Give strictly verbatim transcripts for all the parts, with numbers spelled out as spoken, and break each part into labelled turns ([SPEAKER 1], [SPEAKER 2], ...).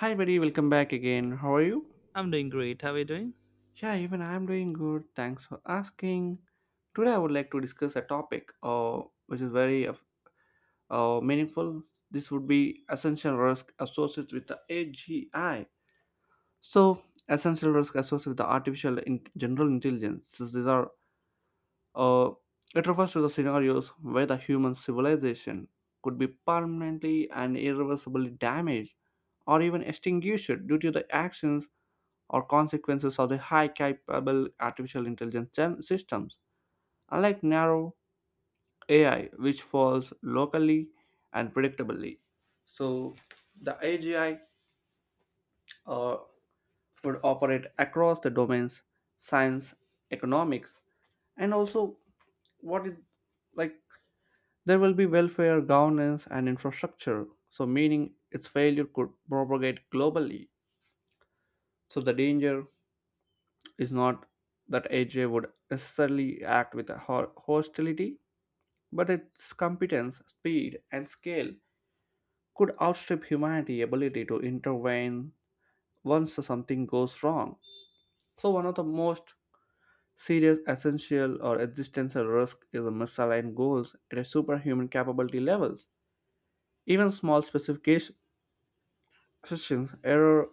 [SPEAKER 1] Hi, buddy. Welcome back again. How are you?
[SPEAKER 2] I'm doing great. How are you doing?
[SPEAKER 1] Yeah, even I'm doing good. Thanks for asking. Today, I would like to discuss a topic uh, which is very uh, uh, meaningful. This would be essential risk associated with the A G I. So, essential risk associated with the artificial in- general intelligence. So these are uh, it refers to the scenarios where the human civilization could be permanently and irreversibly damaged or even extinguished due to the actions or consequences of the high capable artificial intelligence gem- systems, unlike narrow A I, which falls locally and predictably. So, the A G I uh, would operate across the domains science, economics, and also what is like there will be welfare, governance, and infrastructure. So, meaning its failure could propagate globally. So, the danger is not that A J would necessarily act with a ho- hostility, but its competence, speed, and scale could outstrip humanity's ability to intervene once something goes wrong. So, one of the most serious essential or existential risk is misaligned goals at a superhuman capability levels. Even small specifications, error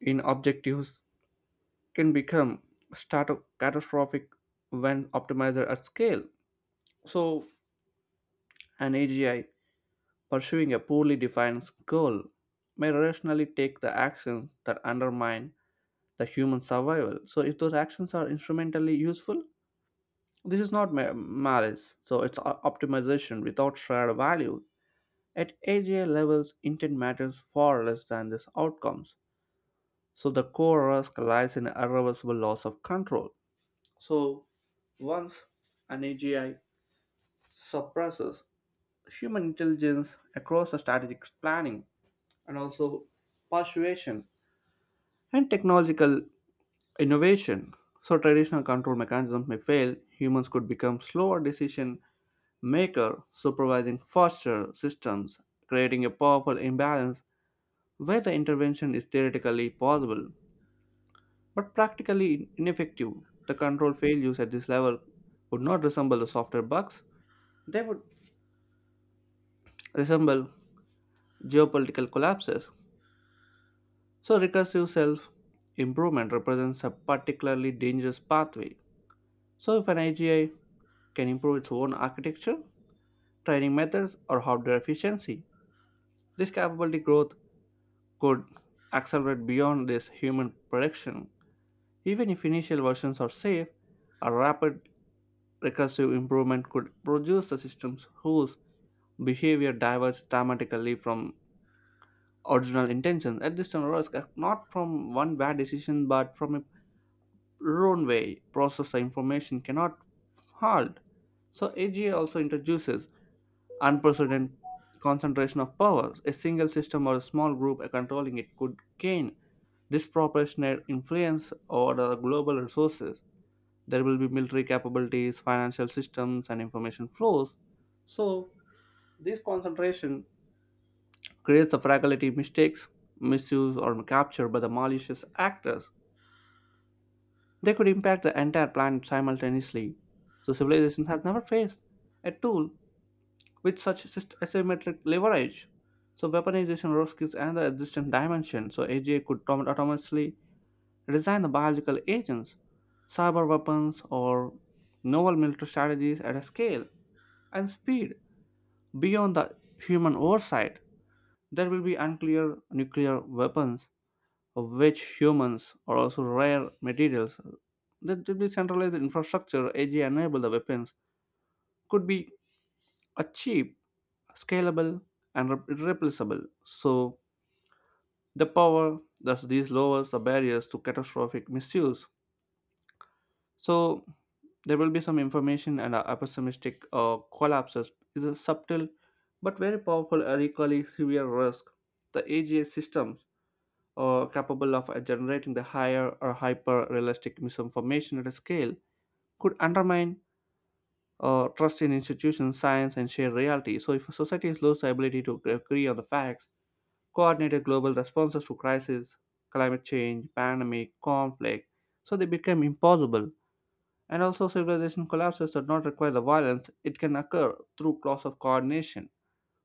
[SPEAKER 1] in objectives can become start- catastrophic when optimized at scale. So an A G I pursuing a poorly defined goal may rationally take the actions that undermine the human survival. So, if those actions are instrumentally useful, this is not ma- malice. So, it's o- optimization without shared value. At A G I levels, intent matters far less than these outcomes. So, the core risk lies in irreversible loss of control. So, once an A G I suppresses human intelligence across the strategic planning, and also persuasion and technological innovation. So traditional control mechanisms may fail, humans could become slower decision maker, supervising faster systems, creating a powerful imbalance where the intervention is theoretically possible but practically ineffective. The control failures at this level would not resemble the software bugs, they would resemble geopolitical collapses. So recursive self improvement represents a particularly dangerous pathway. So, if an A G I can improve its own architecture, training methods, or hardware efficiency, this capability growth could accelerate beyond this human prediction. Even if initial versions are safe, a rapid recursive improvement could produce the systems whose behavior diverges dramatically from original intentions. At this time, risk uh, not from one bad decision but from a wrong way process the information cannot halt. So A G I also introduces unprecedented concentration of power. A single system or a small group controlling it could gain disproportionate influence over the global resources. There will be military capabilities, financial systems, and information flows. So, this concentration creates the fragility, mistakes, misuse, or capture by the malicious actors. They could impact the entire planet simultaneously. So, civilization has never faced a tool with such syst- asymmetric leverage. So weaponization risk is another existing dimension. So A G I could autom- autonomously design the biological agents, cyber weapons, or novel military strategies at a scale and speed beyond the human oversight. There will be unclear nuclear weapons, of which humans are also rare materials. There will be centralized infrastructure. A G I enable the weapons could be are cheap, scalable, and rep- replaceable. So the power thus these lowers the barriers to catastrophic misuse. So there will be some information and a a pessimistic uh, collapses is a subtle but very powerful and equally severe risk. The A G S systems are capable of uh, generating the higher or hyper realistic misinformation at a scale could undermine uh, trust in institutions, science, and shared reality. So, if a society loses the ability to uh, agree on the facts, coordinated global responses to crises, climate change, pandemic, conflict, so they became impossible. And also, civilization collapses does not require the violence, it can occur through loss of coordination.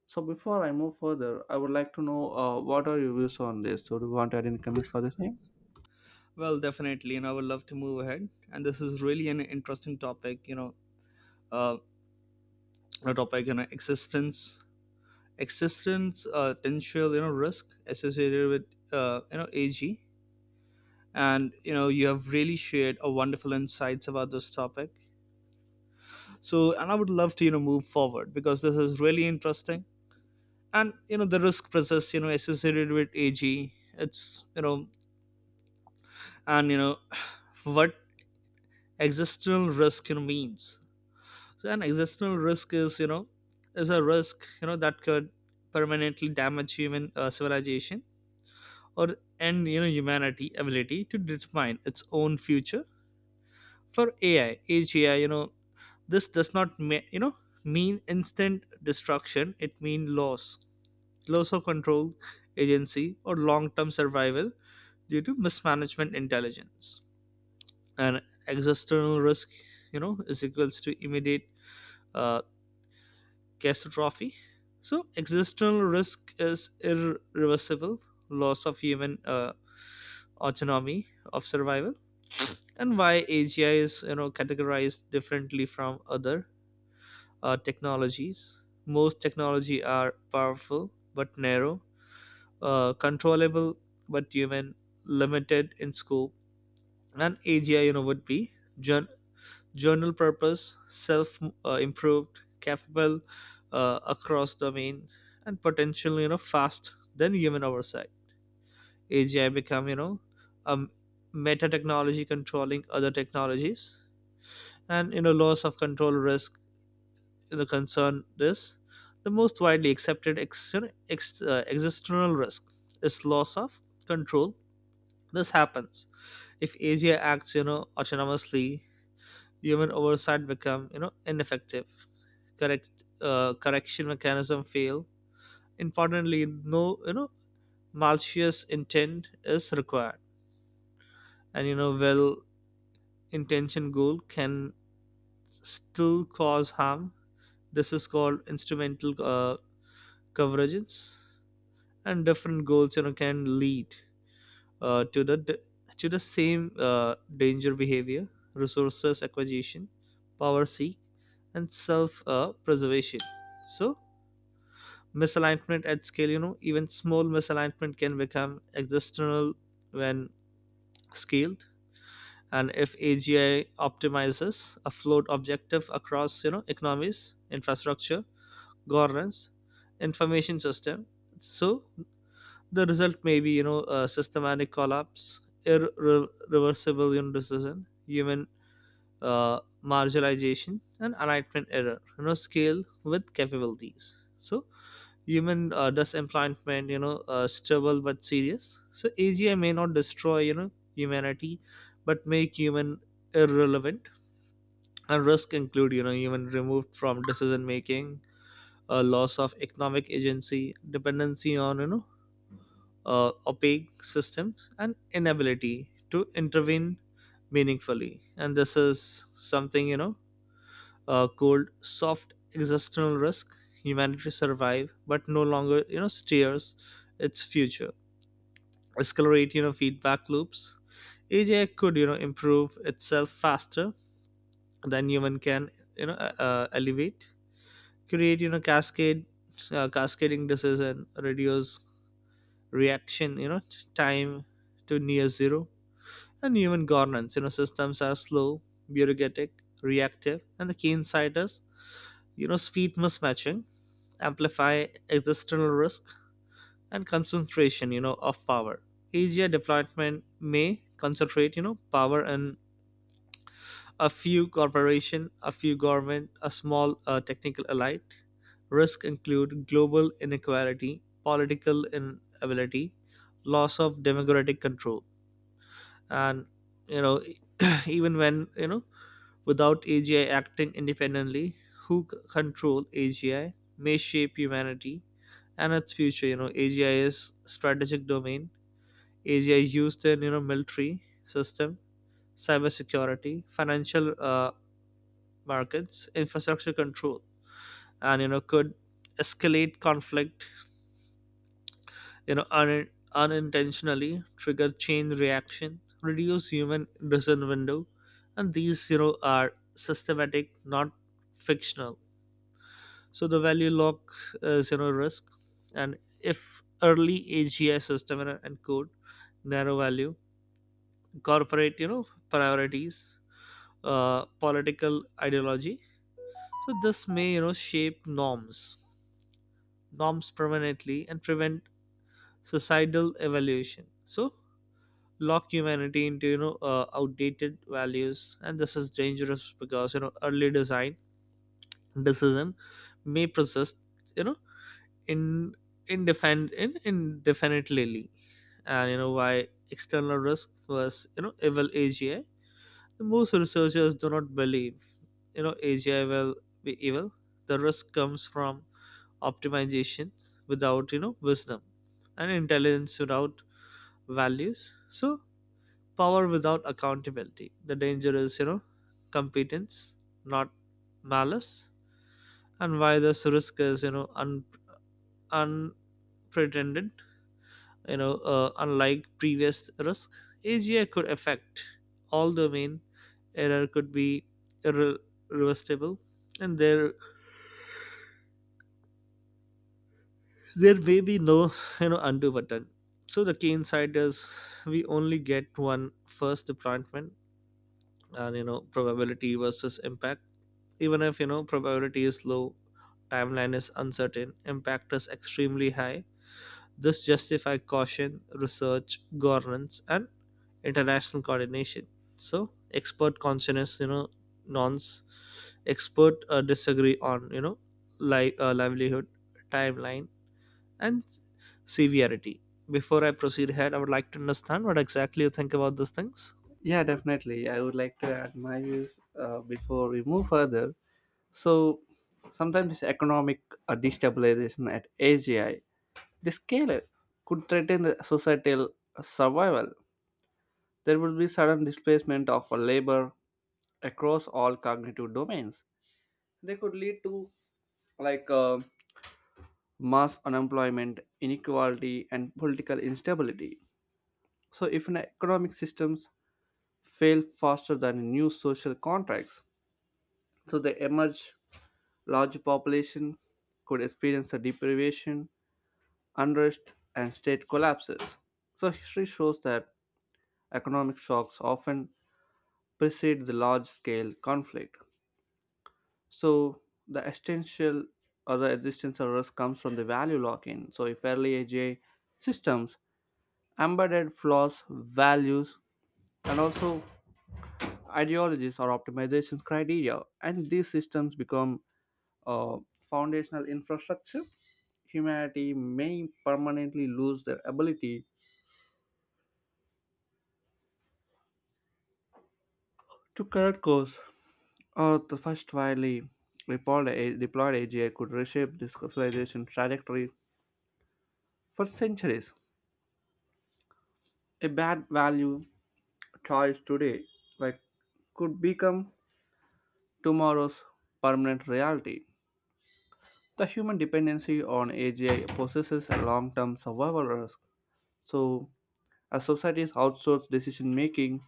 [SPEAKER 1] So, before I move further, I would like to know uh, what are your views on this? So, do you want to add any comments for the same?
[SPEAKER 2] Well, definitely, and I would love to move ahead. And this is really an interesting topic, you know, uh, a topic, you know, existence, existence, uh, potential, you know, risk associated with, uh, you know, A G. And you know, you have really shared a wonderful insights about this topic. So, and I would love to, you know, move forward because this is really interesting. And you know, the risk process, you know, associated with A G. It's you know, and you know, what existential risk you know, means. So an existential risk is, you know, is a risk, you know, that could permanently damage human uh, civilization or and you know humanity ability to determine its own future. For A I, age A I, you know, this does not ma- you know mean instant destruction. It means loss, loss of control, agency, or long-term survival due to mismanagement intelligence. And existential risk, you know, is equals to immediate uh, catastrophe. So, existential risk is irreversible loss of human uh, autonomy of survival, and why A G I is you know categorized differently from other uh, technologies. Most technology are powerful but narrow, uh, controllable but human, limited in scope, and A G I you know would be journal purpose, self uh, improved, capable uh, across domain, and potentially you know fast than human oversight. A G I become you know a meta technology controlling other technologies, and you know loss of control risk you know concern this. The most widely accepted ex- ex- uh, existential risk is loss of control. This happens if A G I acts you know autonomously, human oversight become you know ineffective, correct uh, correction mechanism fail. Importantly, no you know malicious intent is required, and you know well intentioned goal can still cause harm. This is called instrumental uh, coverages, and different goals you know can lead uh, to the to the same uh, danger behavior, resources acquisition, power seek, and self uh, preservation. So misalignment at scale you know even small misalignment can become existential when scaled. And if AGI optimizes a float objective across you know economies, infrastructure, governance, information system, so the result may be you know a systematic collapse, irreversible you know, decision, human uh, marginalization, and alignment error you know scale with capabilities. So human uh, dust implantation, you know, uh, stubble but serious. So A G I may not destroy, you know, humanity, but make human irrelevant. And risk include, you know, human removed from decision making, uh, loss of economic agency, dependency on, you know, uh, opaque systems, and inability to intervene meaningfully. And this is something, you know, uh, called soft existential risk. Humanity survive, but no longer, you know, steers its future. accelerate you know feedback loops. AI could you know improve itself faster than human can, you know uh, uh, elevate, create you know cascade uh, cascading decision, reduce reaction you know time to near zero. And human governance you know systems are slow, bureaucratic, reactive. And the key insight is, you know speed mismatching amplify existential risk. And concentration you know of power, asia deployment may concentrate you know power in a few corporation, a few government, a small uh, technical elite. Risk include global inequality, political inability, loss of democratic control. And you know even when you know without AGI acting independently, who c- control AGI may shape humanity and its future you know AGI is strategic domain. Asia used their you know military system, cybersecurity, financial uh, markets, infrastructure control, and you know could escalate conflict. You know un- unintentionally trigger chain reaction, reduce human decision window, and these you know are systematic, not fictional. So the value lock is you know risk, and if early A G I system and and code narrow value, corporate you know priorities, uh, political ideology. So this may you know shape norms, norms permanently and prevent societal evaluation. So lock humanity into you know uh, outdated values. And this is dangerous because you know early design decision may persist you know in indefinite in, indefinitely. And you know why external risk was you know evil AGI? Most researchers do not believe, you know, A G I will be evil. The risk comes from optimization without, you know, wisdom and intelligence without values. So power without accountability. The danger is, you know, competence, not malice. And why this risk is, you know, un- unpretended, you know, uh, unlike previous risk, A G I could affect all domain. Error could be irre- irreversible, and there there may be no you know undo button. So the key insight is we only get one first deployment. And you know probability versus impact, even if you know probability is low, timeline is uncertain, impact is extremely high. This justifies caution, research, governance, and international coordination. So expert consciousness, you know, nonce expert uh, disagree on you know li- uh, livelihood, timeline, and severity. Before I proceed ahead, I would like to understand what exactly you think about these things.
[SPEAKER 1] Yeah, definitely. I would like to add my views uh, before we move further. So, sometimes this economic uh, destabilization at A G I, the scale could threaten the societal survival there would be sudden displacement of a labor across all cognitive domains. They could lead to like uh, mass unemployment, inequality, and political instability. So, if an economic systems fail faster than new social contracts, so they emerge large population could experience a deprivation, unrest, and state collapses. So, history shows that economic shocks often precede the large-scale conflict. So the essential or the existential risk comes from the value lock-in. So if early A G I systems embedded flaws, values, and also ideologies or optimization criteria, and these systems become uh, foundational infrastructure, humanity may permanently lose their ability to correct course. Or the first widely deployed A- deployed A G I could reshape this civilization trajectory for centuries. A bad value choice today like could become tomorrow's permanent reality. The human dependency on agi possesses a long-term survival risk. So as societies outsource decision making,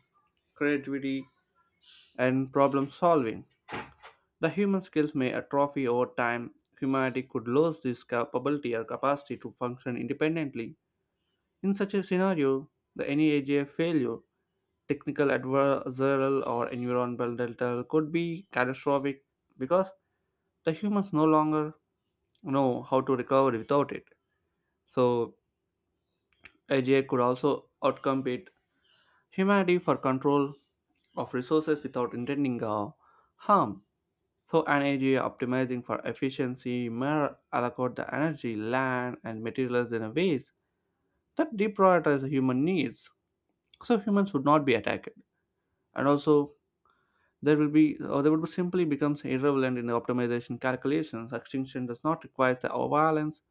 [SPEAKER 1] creativity, and problem solving, the human skills may atrophy over time. Humanity could lose this capability or capacity to function independently. In such a scenario, the any A G I failure, technical adversarial or environmental, could be catastrophic because the humans no longer know how to recover without it. So A G I could also outcompete humanity for control of resources without intending uh, harm. So an A G I optimizing for efficiency may allocate the energy, land, and materials in a ways that deprioritize the human needs. So humans would not be attacked. And also there will be or they would simply becomes irrelevant in optimization calculations. Extinction does not require the violence.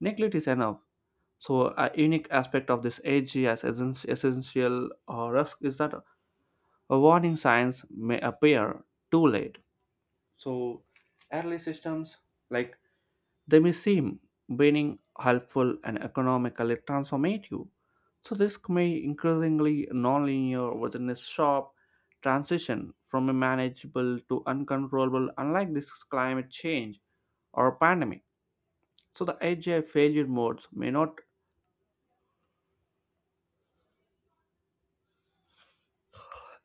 [SPEAKER 1] Neglect is enough. So a unique aspect of this A G as essen- essential uh, risk is that a warning signs may appear too late. So early systems like they may seem being helpful and economically transformative, so this may increasingly nonlinear within a sharp transition from a manageable to uncontrollable, unlike this climate change or pandemic. So the A G I failure modes may not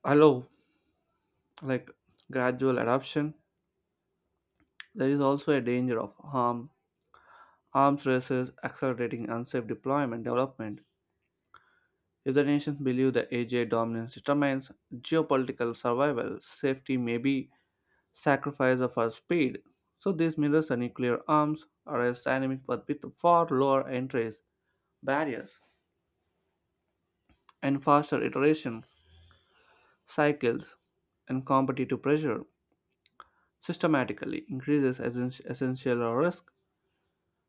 [SPEAKER 1] allow like gradual adoption. There is also a danger of harm, arms races, accelerating unsafe deployment development. If the nations believe that A J dominance determines geopolitical survival, safety may be sacrificed of our speed. So these mirrors are nuclear arms, are as dynamic but with far lower entries, barriers, and faster iteration cycles and competitive pressure systematically increases essen- essential risk.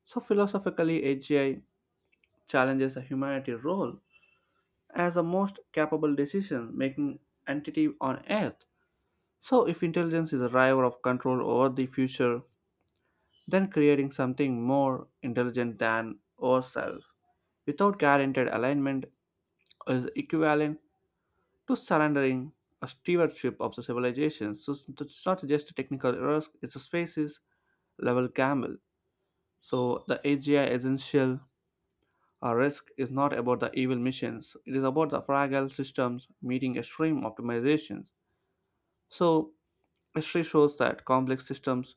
[SPEAKER 1] So philosophically, A G I challenges the humanity role as the most capable decision-making entity on Earth. So, if intelligence is a driver of control over the future, then creating something more intelligent than ourselves without guaranteed alignment is equivalent to surrendering a stewardship of the civilization. So, it's it's not just a technical risk, it's a species level gamble. So, the A G I essential uh, risk is not about the evil missions, it is about the fragile systems meeting extreme optimizations. So, history shows that complex systems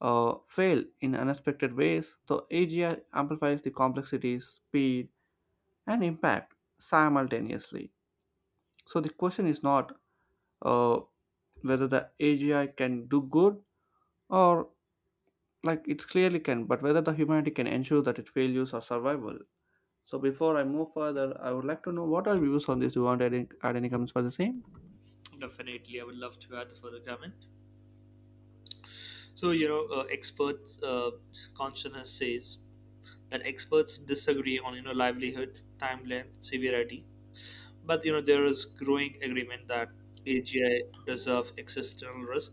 [SPEAKER 1] uh, fail in unexpected ways. So A G I amplifies the complexity, speed, and impact simultaneously. So the question is not uh, whether the A G I can do good or like it clearly can, but whether the humanity can ensure that its failures are survival. So before I move further, I would like to know what are your views on this. Do you want to add any, add any comments for the same?
[SPEAKER 2] Definitely, I would love to add further comment. So, you know, uh, experts uh, consciousness says that experts disagree on you know livelihood, timeline, severity. But you know, there is growing agreement that A G I deserve existential risk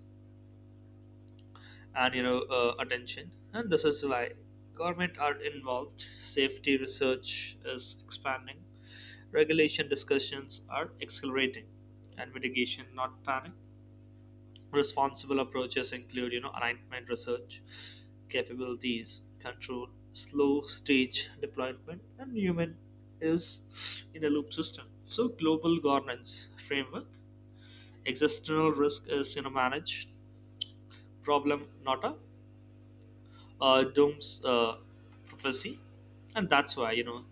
[SPEAKER 2] and you know uh, attention, and this is why government are involved. Safety research is expanding, regulation discussions are accelerating, and mitigation, not panic. Responsible approaches include you know alignment research, capabilities, control, slow stage deployment, and human is in a loop system. So global governance framework, existential risk is you know managed problem, not a uh, dooms uh, prophecy. And that's why you know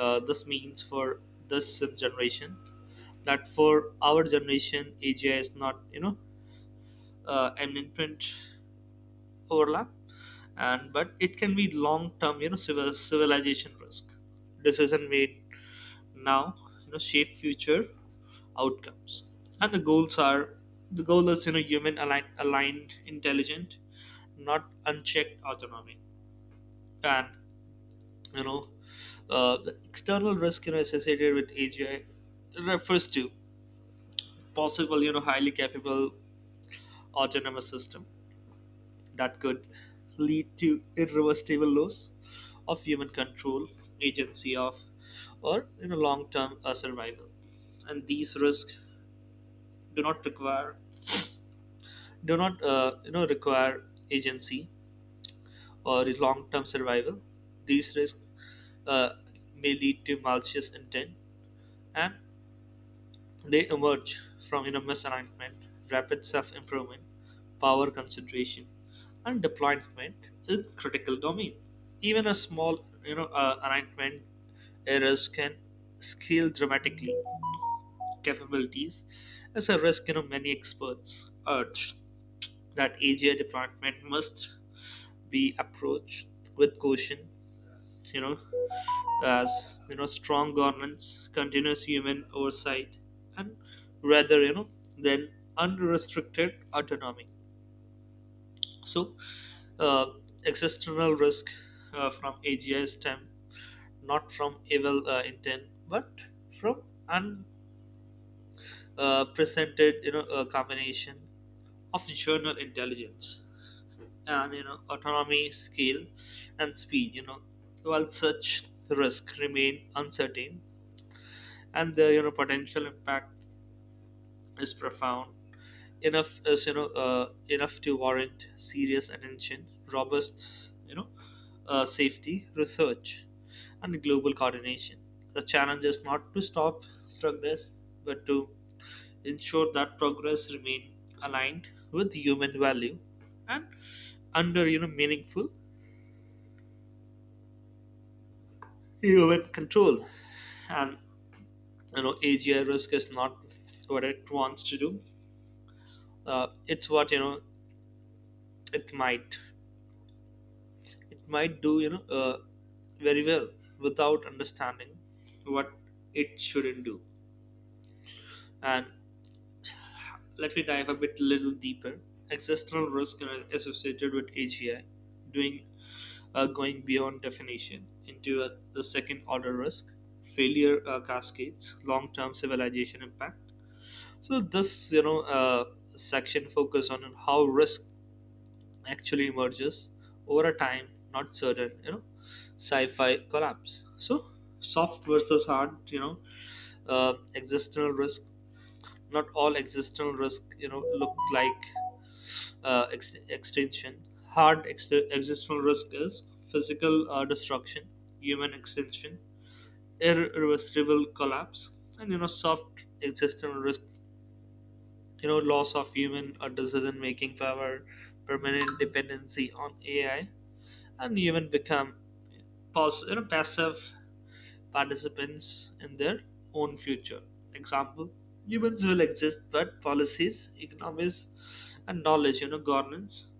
[SPEAKER 2] uh, this means for this sim generation, that for our generation A G I is not you know uh, an imprint overlap, and but it can be long term you know civil, civilization risk. Decision made now you know shape future outcomes. And the goals are the goal is you know human aligned, aligned intelligent, not unchecked autonomy. And you know uh, the external risk you know associated with AGI refers to possible you know highly capable autonomous system that could lead to irreversible loss of human control, agency of or you know long term uh, survival. And these risks do not require, do not uh, you know require agency or long term survival. These risks uh, may lead to malicious intent, and they emerge from you know misalignment, rapid self improvement, power concentration, and deployment in critical domain. Even a small you know uh, alignment errors can scale dramatically capabilities. As a risk you know many experts urge that A G I deployment must be approached with caution, you know, as you know, strong governance, continuous human oversight, and rather you know than unrestricted autonomy. So, uh, existential risk uh, from A G I stem not from evil uh, intent, but from unprecedented uh, you know uh, combination of general intelligence. And you know autonomy scale and speed you know while such risks remain uncertain and the you know potential impact is profound enough is you know uh, enough to warrant serious attention, robust you know uh, safety research, and global coordination. The challenge is not to stop progress, but to ensure that progress remain aligned with human value and under you know meaningful you with control. And you know AGI risk is not what it wants to do uh, it's what you know it might it might do you know uh, very well without understanding what it shouldn't do. And let me dive a bit little deeper. Existential risk you know, associated with AGI, doing uh, going beyond definition into uh, the second order risk, failure uh, cascades, long-term civilization impact. So this, you know, uh, section focus on how risk actually emerges over a time, not certain, you know, sci-fi collapse. So soft versus hard, you know, uh, existential risk. Not all existential risk, you know, look like uh, ex- extinction. Hard ex- existential risk is physical uh, destruction, human extinction, irreversible collapse. And you know, soft existential risk you know loss of human or decision making power, permanent dependency on AI, and even become pos- you know, passive participants in their own future. Example, humans will exist but policies, economies, and knowledge you know governance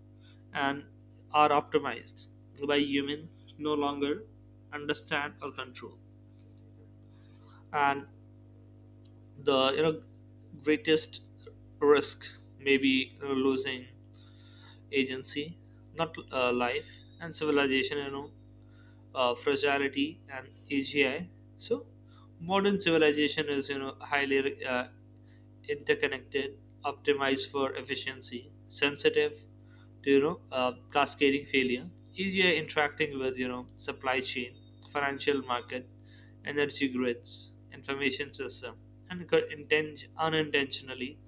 [SPEAKER 2] and are optimized by humans no longer understand or control. And the you know greatest risk maybe you know, losing agency, not uh, life. And civilization, you know, uh, fragility and A G I. So, modern civilization is, you know, highly uh, interconnected, optimized for efficiency, sensitive to you know uh, cascading failure, easier interacting with you know supply chain, financial market, energy grids, information system, and could inten- unintentionally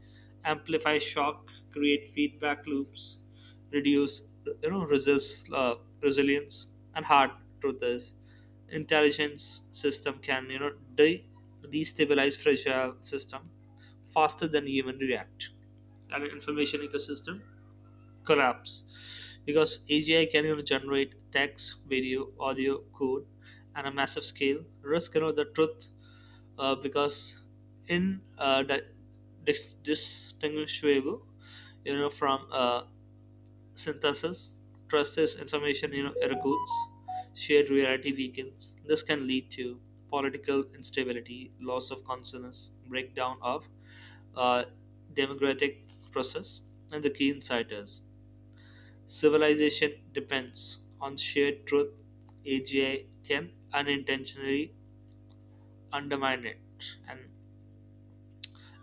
[SPEAKER 2] amplify shock, create feedback loops, reduce you know resist, uh, resilience. And hard truth is intelligence system can you know de- destabilize fragile system faster than even React. And information ecosystem collapse because A G I can you generate text, video, audio, code, and a massive scale. Risk you know the truth uh, because in uh, di- dis- distinguishable you know from uh, synthesis, trust is information you know, erodes, shared reality weakens. This can lead to political instability, loss of consciousness, breakdown of uh, democratic process. And the key insight is civilization depends on shared truth. A G I can unintentionally undermine it. And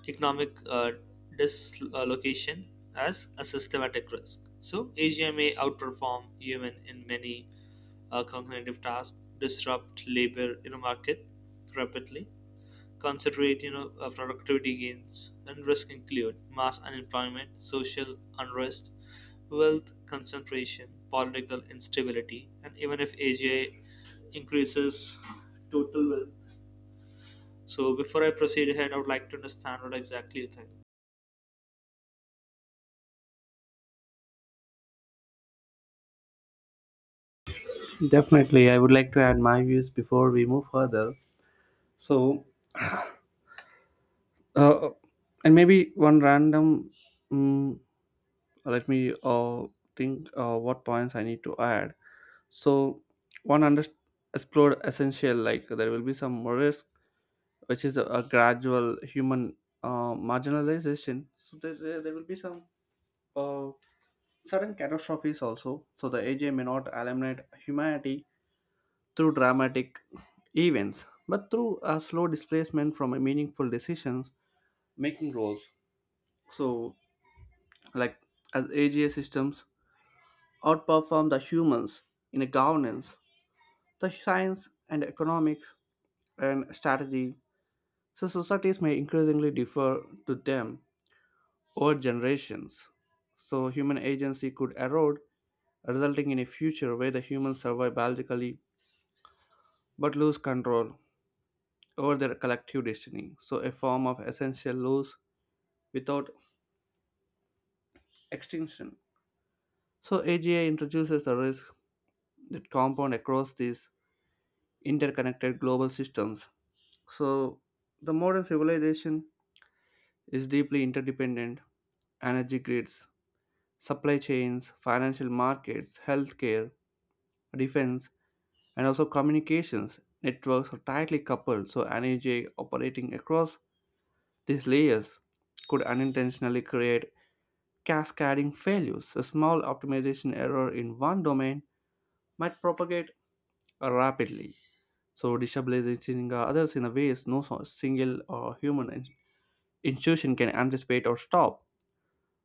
[SPEAKER 2] economic uh, dislocation as a systematic risk. So, A G I may outperform human in many uh, cognitive tasks, disrupt labor in a market rapidly, concentrate you know uh, productivity gains, and risk include mass unemployment, social unrest, wealth concentration, political instability, and even if A G I increases total wealth. So before I proceed ahead, I would like to understand what exactly you think.
[SPEAKER 1] Definitely, I would like to add my views before we move further. So, uh, and maybe one random mm let me uh, think uh, what points I need to add. So, one under explored essential like there will be some risk, which is a, a gradual human uh, marginalization. So there, there, there will be some uh, sudden catastrophes also. So the A J may not eliminate humanity through dramatic events, but through a slow displacement from a meaningful decisions making roles. So like as A G A systems outperform the humans in governance, the science and economics and strategy, so societies may increasingly defer to them over generations. So human agency could erode, resulting in a future where the humans survive biologically but lose control over their collective destiny. So a form of essential loss without extinction. So A G I introduces the risk that compound across these interconnected global systems. So, the modern civilization is deeply interdependent. Energy grids, supply chains, financial markets, healthcare, defense, and also communications networks are tightly coupled, so energy operating across these layers could unintentionally create cascading failures. A small optimization error in one domain might propagate rapidly, so destabilizing others in a ways no so- single or human in- institution can anticipate or stop.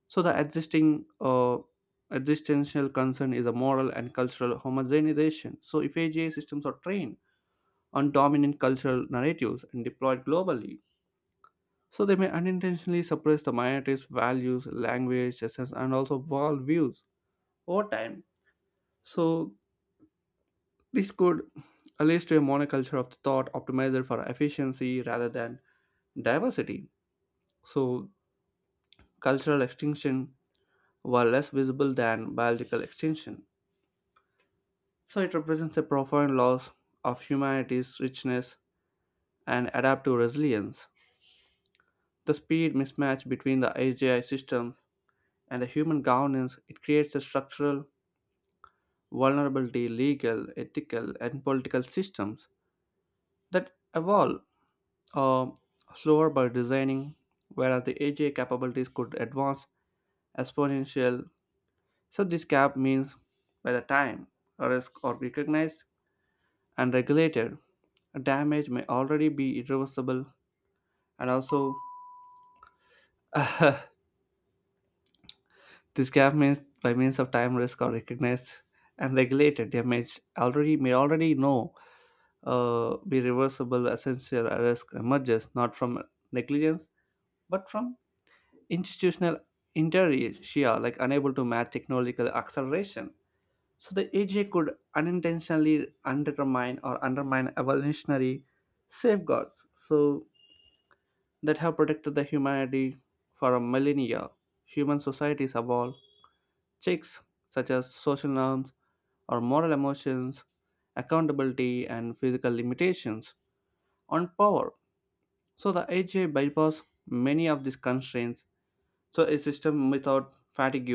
[SPEAKER 1] So the existing uh, existential concern is a moral and cultural homogenization. So if A G I systems are trained on dominant cultural narratives and deployed globally, so they may unintentionally suppress the minorities' values, language, essence, and also worldviews over time. So this could lead to a monoculture of thought optimized for efficiency rather than diversity. So cultural extinction were less visible than biological extinction. So it represents a profound loss of humanity's richness and adaptive resilience. The speed mismatch between the A G I systems and the human governance it creates a structural vulnerability, legal, ethical, and political systems that evolve uh, slower by designing, whereas the A G I capabilities could advance exponential. So this gap means by the time a risk are recognized and regulated, damage may already be irreversible and also this gap means by means of time risk or recognized and regulated damage already may already know uh, be reversible essential risk emerges not from negligence but from institutional inertia like unable to match technological acceleration so the A J could unintentionally undermine or undermine evolutionary safeguards so that have protected the humanity for a millennia human societies evolve checks such as social norms or moral emotions, accountability, and physical limitations on power. So the A G I bypass many of these constraints. So a system without fatigue,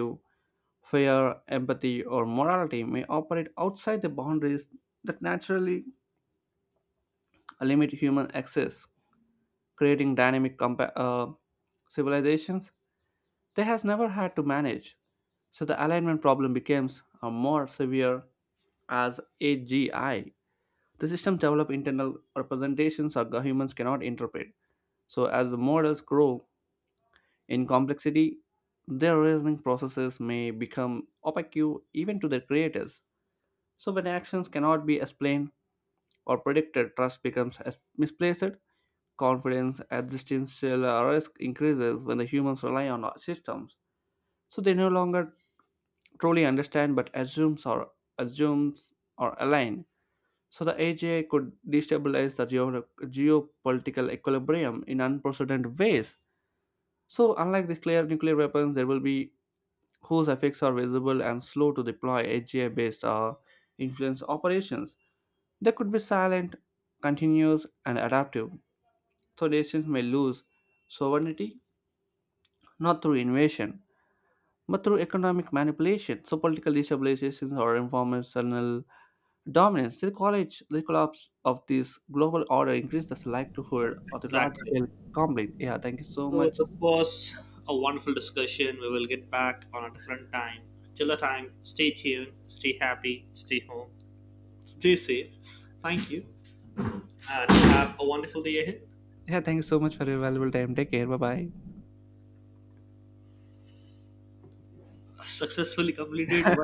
[SPEAKER 1] fear, empathy, or morality may operate outside the boundaries that naturally limit human access, creating dynamic compa- uh, civilizations they has never had to manage. So the alignment problem becomes a more severe as A G I. The system develop internal representations that humans cannot interpret. So as the models grow in complexity, their reasoning processes may become opaque even to their creators. So when actions cannot be explained or predicted, trust becomes as- misplaced. Confidence, existential uh, risk increases when the humans rely on our systems. So they no longer truly understand but assumes or assumes or align. So the A G I could destabilize the geo- geopolitical equilibrium in unprecedented ways. So unlike the clear nuclear weapons, there will be whose effects are visible and slow to deploy A G I-based uh, influence operations. They could be silent, continuous, and adaptive. So nations may lose sovereignty not through invasion, but through economic manipulation. So political destabilizations or informational dominance, the college, the collapse of this global order increased the likelihood of the large
[SPEAKER 2] Exactly.
[SPEAKER 1] scale complaint. Yeah, thank you so
[SPEAKER 2] So
[SPEAKER 1] much.
[SPEAKER 2] this was a wonderful discussion. We will get back on a different time. Till the time, stay tuned, stay happy, stay home, stay safe. Thank you, and have a wonderful day ahead.
[SPEAKER 1] Yeah, thank you so much for your valuable time. Take care. Bye bye.
[SPEAKER 2] Successfully completed.